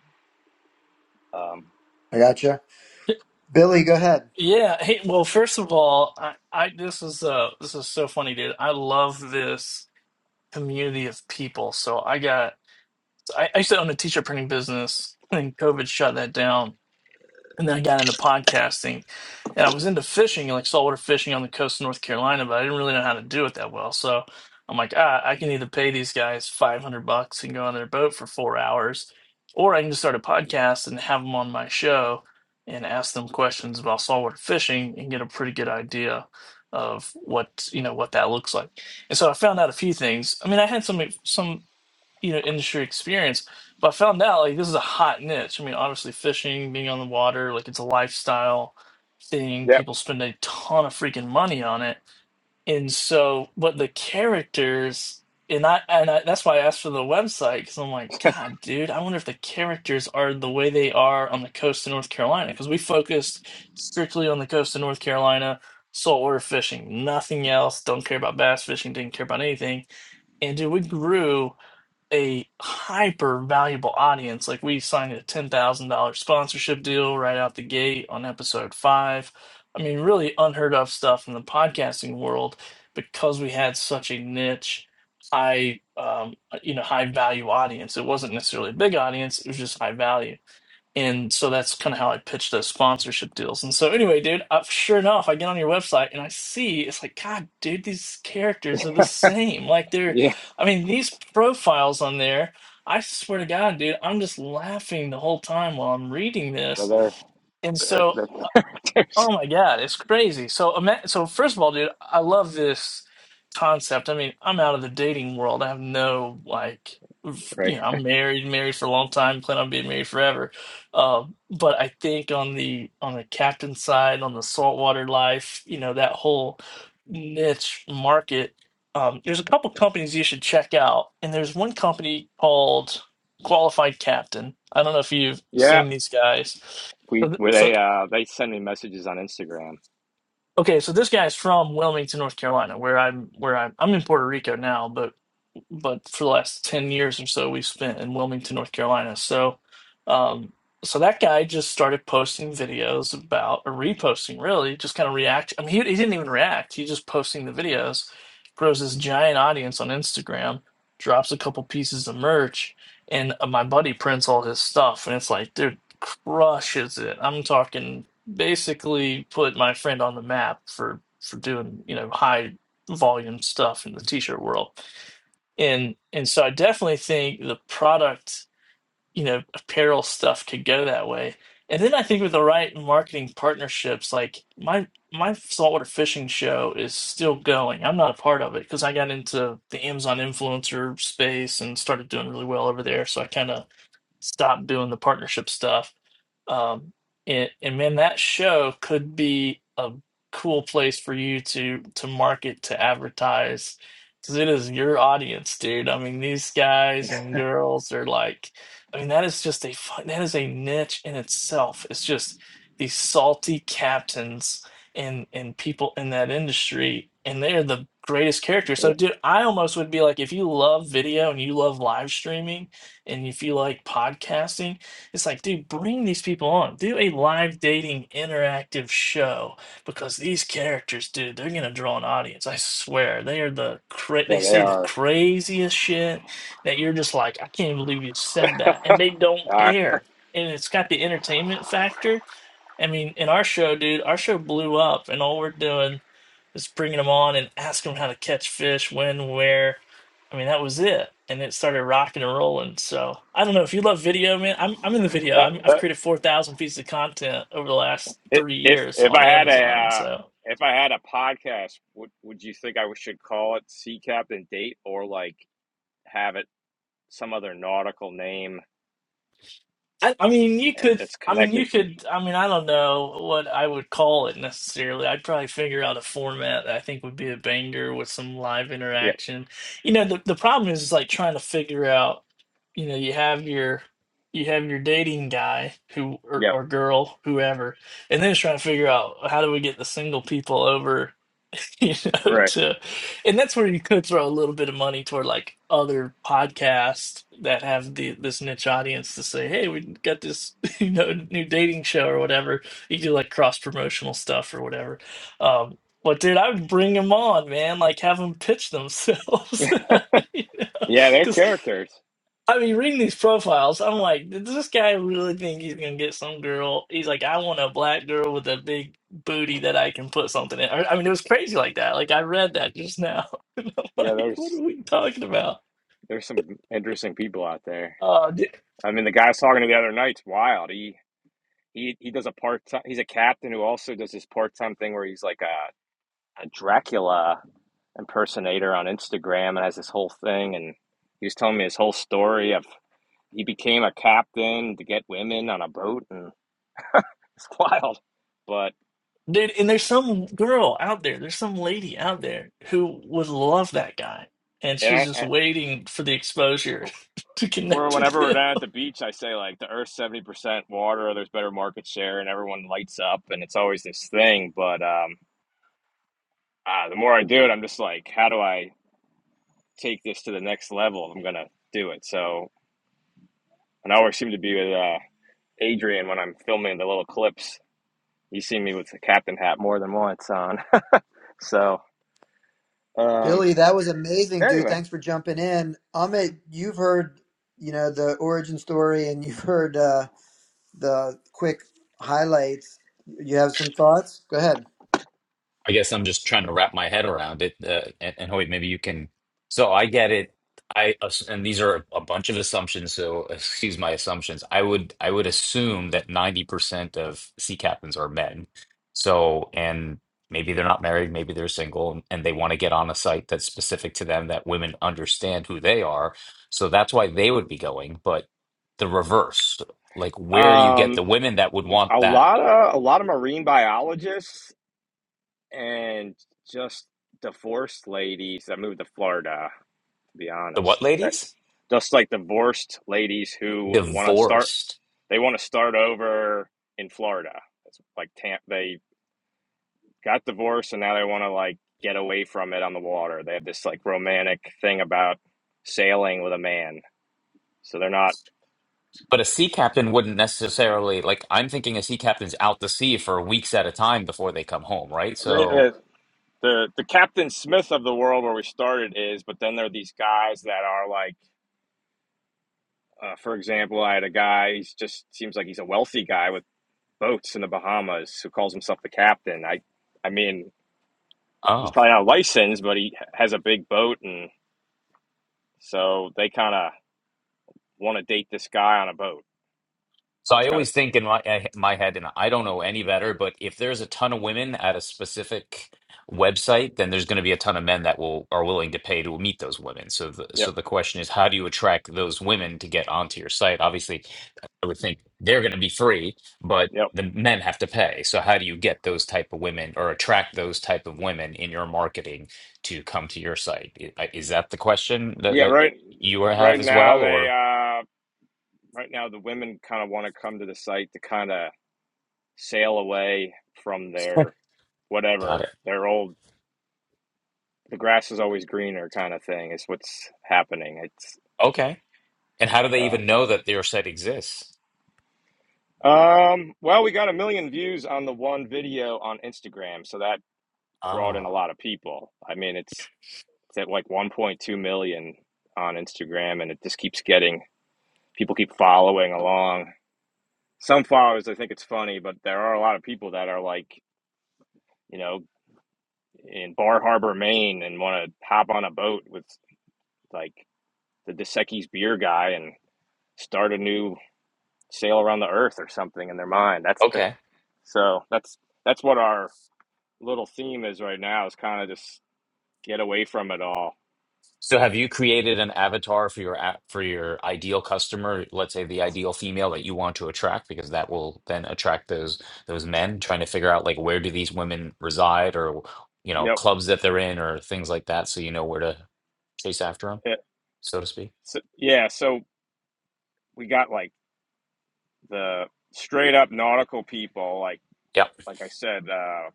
Um,
I gotcha. Billy, go ahead.
Yeah. Hey, well, first of all, I, I this is uh this is so funny, dude. I love this community of people. So I got I, I used to own a t-shirt printing business and COVID shut that down and then I got into podcasting, and I was into fishing, like saltwater fishing on the coast of North Carolina, but I didn't really know how to do it that well. So I'm like, ah, I can either pay these guys 500 bucks and go on their boat for four hours, or I can just start a podcast and have them on my show and ask them questions about saltwater fishing and get a pretty good idea of what you know what that looks like. And so I found out a few things. I mean, I had some some you know industry experience but i found out like this is a hot niche i mean obviously fishing being on the water like it's a lifestyle thing
yep.
people spend a ton of freaking money on it and so but the characters and i and I, that's why i asked for the website because i'm like god dude i wonder if the characters are the way they are on the coast of north carolina because we focused strictly on the coast of north carolina saltwater fishing nothing else don't care about bass fishing didn't care about anything and dude, we grew a hyper valuable audience. Like we signed a ten thousand dollar sponsorship deal right out the gate on episode five. I mean, really unheard of stuff in the podcasting world because we had such a niche, high, um, you know, high value audience. It wasn't necessarily a big audience; it was just high value. And so that's kind of how I pitch those sponsorship deals. And so anyway, dude, uh, sure enough, I get on your website and I see it's like, God, dude, these characters are the same. Like they're,
Yeah.
I mean, these profiles on there, I swear to God, dude, I'm just laughing the whole time while I'm reading
So
this.
there,
And
there,
so
there- <laughs> there's-
Oh my God, it's crazy. So, ima- so first of all, dude, I love this concept. I mean, I'm out of the dating world. I have no like, f- you
right.
know, I'm married, married for a long time, plan on being married forever. Uh, but I think on the on the captain side, on the saltwater life, you know, that whole niche market, um, there's a couple companies you should check out, and there's one company called Qualified Captain. I don't know if you've
Yeah.
seen these guys. So,
We
th-
where
so
they uh, they send me messages on Instagram.
Okay, so this guy's from Wilmington, North Carolina, where I'm where I'm I'm in Puerto Rico now, but but for the last 10 years or so we've spent in Wilmington, North Carolina. So um so that guy just started posting videos about or reposting really, just kind of react. I mean he, he didn't even react. He just posting the videos, grows this giant audience on Instagram, drops a couple pieces of merch, and uh, my buddy prints all his stuff and it's like, dude, crushes it. I'm talking basically put my friend on the map for for doing, you know, high volume stuff in the t-shirt world and and so I definitely think the product, you know, apparel stuff could go that way. And then I think with the right marketing partnerships, like my my saltwater fishing show is still going. I'm not a part of it because I got into the Amazon influencer space and started doing really well over there. So I kind of stop doing the partnership stuff. Um, and, and man, that show could be a cool place for you to to market to advertise because it is your audience, dude. I mean, these guys and girls are like, I mean, that is just a fun, that is a niche in itself. It's just these salty captains and and people in that industry, and they're the greatest characters.
Yeah,
So, dude, I almost would be like, if you love video and you love live streaming and if you like podcasting, it's like, dude, bring these people on. Do a live dating interactive show because these characters, dude, they're gonna draw an audience. I swear, they are the cra- they
yeah, they
say the
are.
craziest shit that you're just like, I can't believe you said that, and they don't
Uh,
care. And it's got the entertainment factor, I mean, in our show, dude, our show blew up, and all we're doing is bringing them on and asking them how to catch fish, when, where. I mean, that was it, and it started rocking and rolling. So I don't know if you love video, man. I'm I'm in the video.
that,
I'm, I've
that,
created four thousand pieces of content over the last
I-
three
If
years
if
on
I had a
Amazon.
uh,
So.
if I had a podcast, would would you think I should call it Sea Captain Date or like have it some other nautical name
I, I mean, you
that-
could.
that's
I mean, you
connected?
could. I mean, I don't know what I would call it necessarily. I'd probably figure out a format that I think would be a banger with some live
Yep,
interaction. You know, the the problem is is like trying to figure out. You know, you have your you have your dating guy who or,
yep,
or girl whoever, and then it's trying to figure out how do we get the single people over <laughs> you know
right.
to and that's where you could throw a little bit of money toward like other podcasts that have the this niche audience to say hey we got this <laughs> you know new dating show or whatever you do like cross promotional stuff or whatever um but dude i would bring them on man like have them pitch themselves <laughs> you know?
Yeah, they're
'Cause
characters.
I mean, reading these profiles, I'm like, does this guy really think he's gonna get some girl? He's like, I want a black girl with a big booty that I can put something in. I I mean, it was crazy like that. Like I read that just now, <laughs> and I'm
Yeah,
like, what are
there's
we talking about?
there's some interesting people out there.
Uh, d-
I mean, the guy I was talking to the other night's wild. He he he does a part time. He's a captain who also does this part time thing where he's like a, a Dracula impersonator on Instagram and has this whole thing and he was telling me his whole story of he became a captain to get women on a boat, and <laughs> it's wild. But
dude, and there's some girl out there. There's some lady out there who would love that guy, and
and
she's
I,
just
I,
waiting for the exposure <laughs> to
where
connect with
whenever we're
him.
down at the beach, I say like the Earth's seventy percent water. There's better market share, and everyone lights up, and it's always this thing. But um, uh, the more I do it, I'm just like, how do I take this to the next level? I'm gonna do it. So and I always seem to be with uh, Adrian when I'm filming the little clips. You see me with the captain hat more than once on. <laughs> So um,
Billy, that was amazing, dude.
anyway.
Thanks for jumping in. Amit, you've heard, you know, the origin story and <laughs> you've heard uh, the quick highlights. You have some thoughts? Go ahead.
I guess I'm just trying to wrap my head around it. Uh, and, and Hoyt, maybe you can. So I get it. I ass- and these are a bunch of assumptions. So excuse my assumptions. I would I would assume that 90% of sea captains are men. So and maybe they're not married, maybe they're single, and, and they want to get on a site that's specific to them that women understand who they are. So that's why they would be going. But the reverse, like where do you get
Um,
the women that would want
a
that?
lot of a lot of marine biologists and just divorced ladies that moved to Florida. To be
The
honest,
what
that
ladies?
just like divorced ladies who want to start,
Divorced.
they want to start over in Florida. It's like tam- they got divorced and now they want to like get away from it on the water. They have this like romantic thing about sailing with a man, so they're not.
But a sea captain wouldn't necessarily like I'm thinking a sea captain's out to sea for weeks at a time before they come home, right?
They,
So,
they, the, the Captain Smith of the world where we started is, but then there are these guys that are like Uh, for example, I had a guy, He just seems like he's a wealthy guy with boats in the Bahamas who calls himself the captain. I, I mean, he's
oh.
probably not licensed, but he has a big boat. And so they kind of want to date this guy on a boat.
So
It's
I
kind of,
always
t-
think in my eh, my head, and I don't know any better, but if there's a ton of women at a specific website, then there's going to be a ton of men that will are willing to pay to meet those women. So the,
yep,
so the question is, how do you attract those women to get onto your site? Obviously, I would think they're going to be free, but
yep.
the men have to pay. So how do you get those type of women or attract those type of women in your marketing to come to your site? I- Is that the question that
Yeah,
that
right.
you have
Right
as
now,
well,
they,
or
uh, right now, the women kind of want to come to the site to kind of sail away from
<laughs>
their
got
whatever,
it?
their old, the grass is always greener kind of thing is what's happening. It's,
Okay. And how do they
uh,
even know that your site exists?
Um, well, we got a million views on the one video on Instagram, so that brought in a
Ah,
lot of people. I mean, it's it's at like 1.2 million on Instagram, and it just keeps getting people keep following along. Some followers, I think it's funny, but there are a lot of people that are like, you know, in Bar Harbor, Maine, and want to hop on a boat with like the Dosecki's beer guy and start a new sail around the earth or something in their mind. That's uh,
okay.
so that's that's what our little theme is right now is kind of just get away from it all.
So have you created an avatar for your app for your ideal customer, let's say the ideal female that you want to attract, because that will then attract those those men trying to figure out like where do these women reside or you know,
Yep.
clubs that they're in or things like that, so you know where to chase after them,
It,
so to speak.
so, yeah. So we got like the straight up nautical people, like
Yeah.
like I said, uh,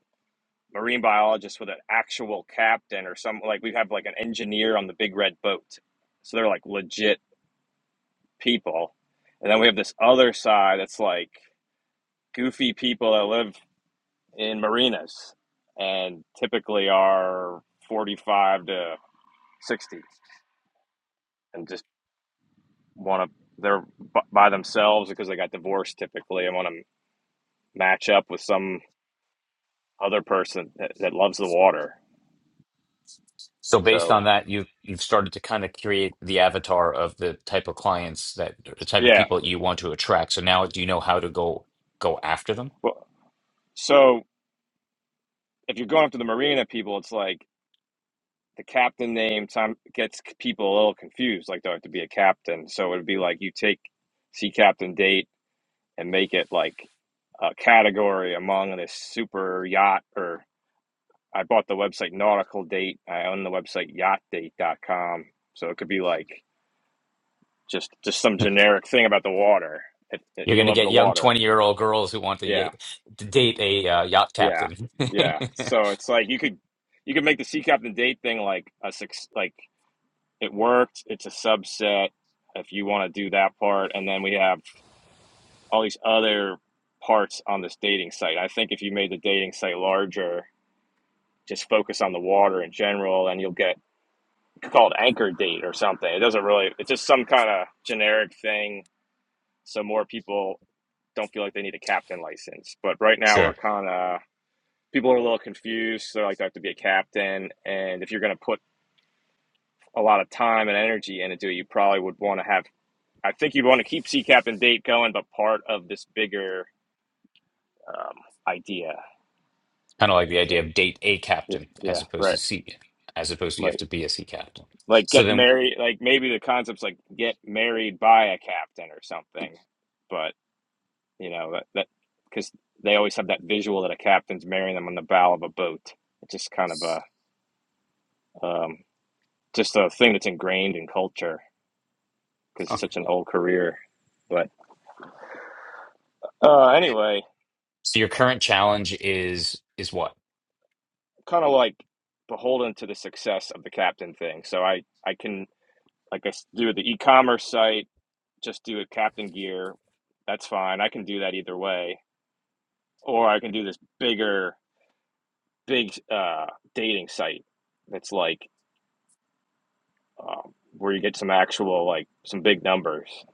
marine biologists with an actual captain or some like we have like an engineer on the big red boat, so they're like legit people. And then we have this other side that's like goofy people that live in marinas and typically are 45 to 60 and just want to they're by themselves because they got divorced typically and want to match up with some other person that, that loves the water
So based
so
on that, you've you've started to kind of create the avatar of the type of clients that the type of
yeah
people that you want to attract. So now do you know how to go go after them?
well, so if you're going up to the marina people it's like the captain name time gets people a little confused like do i have to be a captain so it would be like you take sea captain date and make it like a category among this super yacht or i bought the website nautical date i own the website Yacht Date dot com. so it could be like Just just some generic thing about the water. It, it-
You're going
you
to
love
get
the
young
water.
20-year-old girls who want to, ye-
Yeah,
to date a uh, yacht
yeah,
captain.
yeah.
<laughs>
So it's like you could you could make the sea captain date thing like a six like it worked. It's a subset if you want to do that part, and then we have all these other parts on this dating site. I think if you made the dating site larger, just focus on the water in general, and you'll get called anchor date or something. It doesn't really. It's just some kind of generic thing so more people don't feel like they need a captain license. But right now we're
Sure.
kind of people are a little confused. So like, I have to be a captain, and if you're going to put a lot of time and energy into it, you probably would want to have. I think you'd want to keep sea captain date going, but part of this bigger um, idea.
Kind of like the
So
idea of date a
yeah,
captain
yeah,
as opposed to
right,
C, as opposed to you have
like
to be a sea captain.
like
So
get
then,
married. Like maybe the concept's like get married by a captain or something. But you know that that because they always have that visual that a captain's marrying them on the bow of a boat. It's just kind of a um, just a thing that's ingrained in culture because
oh,
it's such an old career. But uh, anyway,
so your current challenge is is what?
kind of like beholden to the success of the captain thing. So I I can like I s- do the e-commerce site, just do a captain gear. That's fine. I can do that either way, or I can do this bigger big uh, dating site that's like um, where you get some actual like some big numbers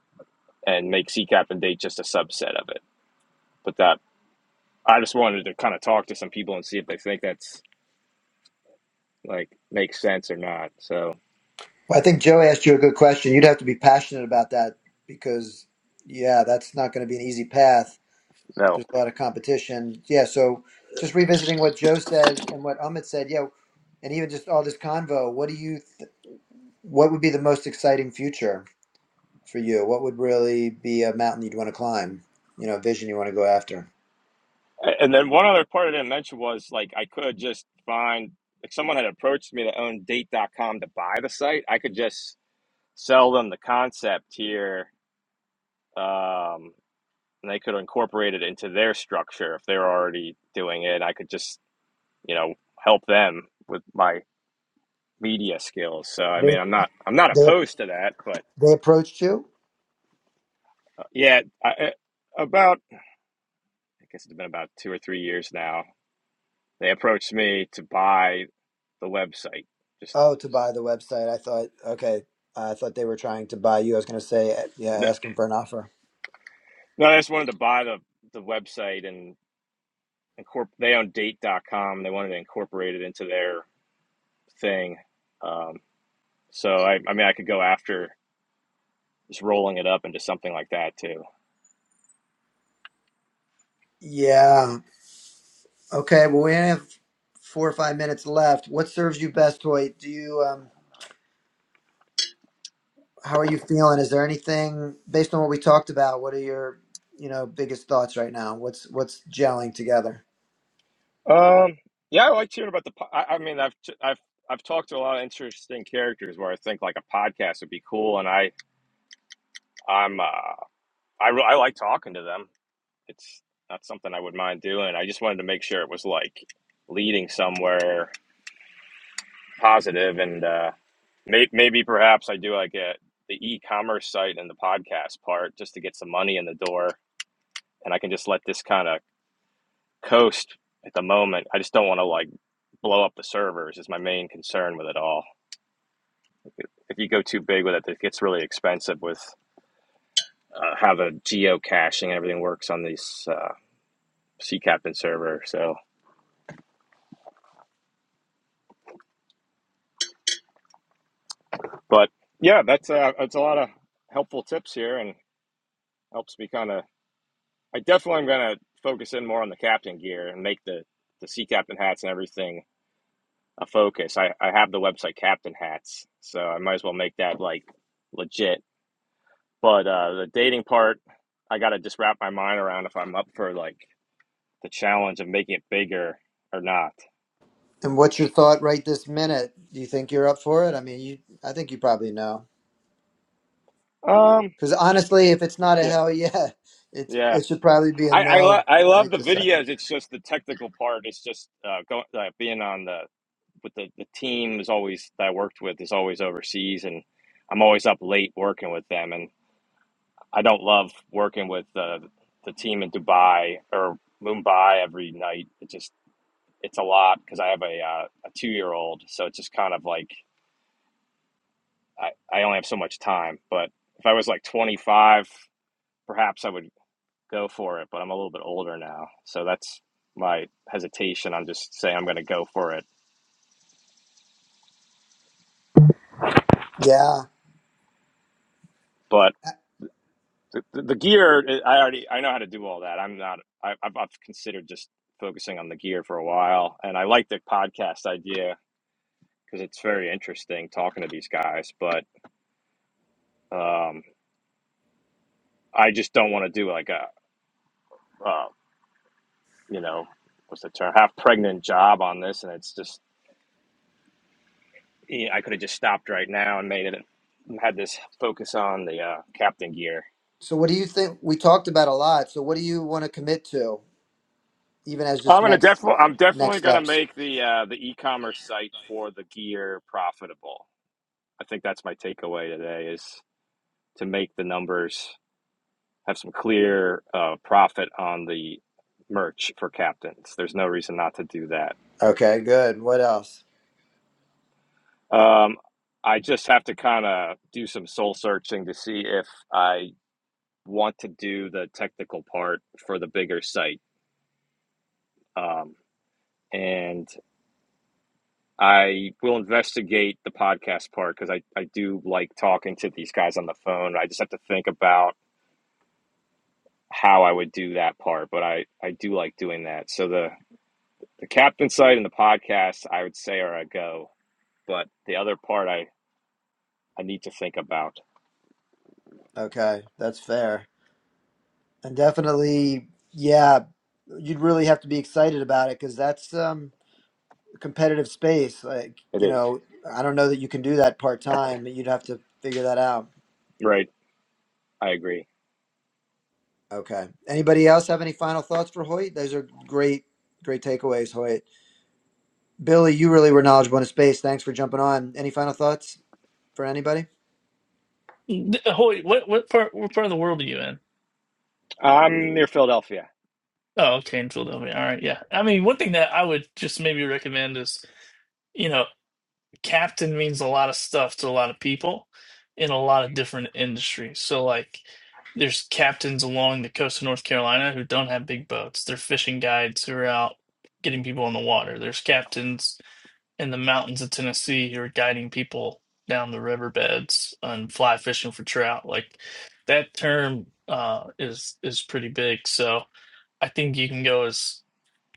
and make C captain date just a subset of it. But that I just wanted to kind of talk to some people and see if they think that's like makes sense or not. So
Well, I think Joe asked you a good question. You'd have to be passionate about that because, yeah, that's not going to be an easy path.
no.
There's a lot of competition. Yeah, so just revisiting what Joe said and what Amit said, yeah, and even just all this convo, what do you, th- what would be the most exciting future? for you? What would really be a mountain you'd want to climb? You know, a vision you want to go after?
A- And then one other part I didn't mention was like I could just find like someone had approached me to own date dot com to buy the site. I could just sell them the concept here. Um and they could incorporate it into their structure if they're already doing it. I could just, you know, help them with my media skills. So I mean,
They,
I'm not I'm not
they,
opposed to that, but
They approached you?
uh, yeah, I, about I guess it's been about two or three years now. They approached me to buy the website. Just
Oh, to buy the website. I thought, okay, I thought they were trying to buy you. I was going to say, uh, yeah,
no,
asking for an offer.
no, I just wanted to buy the the website and incorporate. They own date dot com. They wanted to incorporate it into their thing. Um, so I, I mean, I could go after just rolling it up into something like that too.
Yeah. Okay. Well, we only have four or five minutes left. What serves you best, Hoy? Do you, um, how are you feeling? Is there anything based on what we talked about? What are your, you know, biggest thoughts right now? What's, what's gelling together?
Um, yeah, I like hearing about the. po- I, I mean, I've I've I've talked to a lot of interesting characters where I think like a podcast would be cool, and I I'm uh, I I like talking to them. it's not something I would mind doing. I just wanted to make sure it was like leading somewhere positive, and uh, may, maybe perhaps I do like a, the e-commerce site and the podcast part just to get some money in the door, and I can just let this kind of coast at the moment. I just don't want to like blow up the servers is my main concern with it all. If you go too big with it, it gets really expensive with uh, how the geocaching and everything works on these uh, sea captain server. So But yeah, that's uh, that's a lot of helpful tips here, and helps me kind of. I definitely am going to focus in more on the captain gear and make the the sea captain hats and everything a focus. I I have the website captain hats, so I might as well make that like legit. But uh, the dating part, I got to just wrap my mind around if I'm up for like the challenge of making it bigger or not.
And what's your thought right this minute? Do you think you're up for it? I mean, you, I think you probably know.
Um.
Because honestly, if it's not a
Yeah.
hell yeah, <laughs> it's
Yeah.
it should probably be a
I I, lo-
no
I love
right
the
this second.
videos. It's just the technical part. It's just uh, going uh, being on the with the, the team is always that I worked with is always overseas, and I'm always up late working with them. And I don't love working with the the team in Dubai or Mumbai every night. It just it's a lot because I have a uh, a two year old, so it's just kind of like I, I only have so much time. But if I was like 25, perhaps I would go for it. But I'm a little bit older now, so that's my hesitation on just saying I'm going to go for it.
Yeah.
But the, the the gear uh, i already i know how to do all that i'm not I, I've, I've considered just focusing on the gear for a while and i like the podcast idea because it's very interesting talking to these guys but um i just don't want to do like a uh, you know what's the term half pregnant job on this and it's just you know, i could have just stopped right now and made it had this focus on the uh, captain gear
So what do you think? We talked about a lot. So what do you want to commit to, even as
I'm
just
gonna
next
definitely. I'm definitely
next
gonna
steps?
make the uh, the e-commerce site for the gear profitable. I think that's my takeaway today is to make the numbers have some clear uh, profit on the merch for captains. There's no reason not to do that.
Okay, good. What else?
Um, I just have to kind of do some soul searching to see if I want to do the technical part for the bigger site. Um, and I will investigate the podcast part because I, I do like talking to these guys on the phone. I just have to think about how I would do that part, but I I do like doing that. So the the captain site and the podcast I would say are a go, but the other part I I need to think about.
Okay, that's fair. And definitely, yeah, you'd really have to be excited about it because that's um competitive space. Like,
It
you
is
know, I don't know that you can do that part time. You'd have to figure that out.
right. I agree.
Okay. Anybody else have any final thoughts for Hoyt? Those are great, great takeaways, Hoyt. Billy, you really were knowledgeable in space. Thanks for jumping on. Any final thoughts for anybody?
<laughs> Hoy, what what part what part of the world are you in?
I'm near Philadelphia.
Oh, okay, in Philadelphia. All right, yeah. I mean, one thing that I would just maybe recommend is, you know, captain means a lot of stuff to a lot of people in a lot of different industries. So, like, there's captains along the coast of North Carolina who don't have big boats. They're fishing guides who are out getting people on the water. There's captains in the mountains of Tennessee who are guiding people down the riverbeds and fly fishing for trout. Like, that term uh, is is pretty big. So, I think you can go as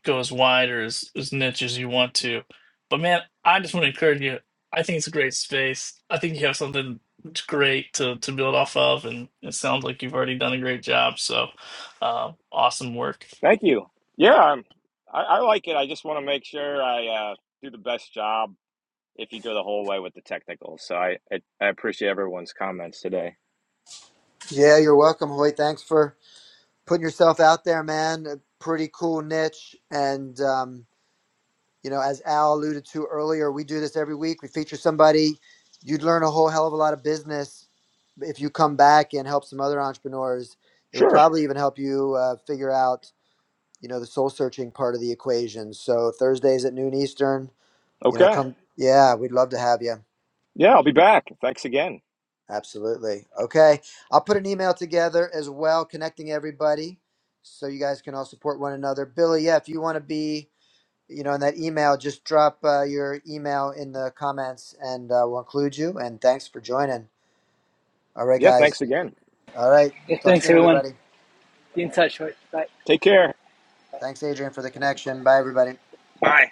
go as wide or as, as niche as you want to. But man, I just want to encourage you. I think it's a great space. I think you have something that's great to, to build off of, and it sounds like you've already done a great job. So, uh, awesome work.
Thank you. Yeah, I'm, I I like it. I just want to make sure I uh, do the best job if you go the whole way with the technical. So I I, I appreciate everyone's comments today.
Yeah, you're welcome, Hoyt. Thanks for putting yourself out there, man. A pretty cool niche. And, um, You know, as Al alluded to earlier, we do this every week. We feature somebody. You'd learn a whole hell of a lot of business if you come back and help some other entrepreneurs. It would
Sure.
probably even help you uh, figure out, you know, the soul searching part of the equation. So Thursdays at noon Eastern, you know,
Okay.
come. Yeah, we'd love to have you.
Yeah, I'll be back. Thanks again.
Absolutely. Okay. I'll put an email together as well, connecting everybody so you guys can all support one another. Billy, yeah, if you want to be you know, in that email, just drop uh, your email in the comments and uh, we'll include you. And thanks for joining. All right,
Yeah,
guys.
thanks again.
All right.
Yeah,
Talk
thanks
soon,
everyone.
everybody.
Be in touch. right. Bye.
Take care.
Thanks, Adrian, for the connection. Bye, everybody.
Bye.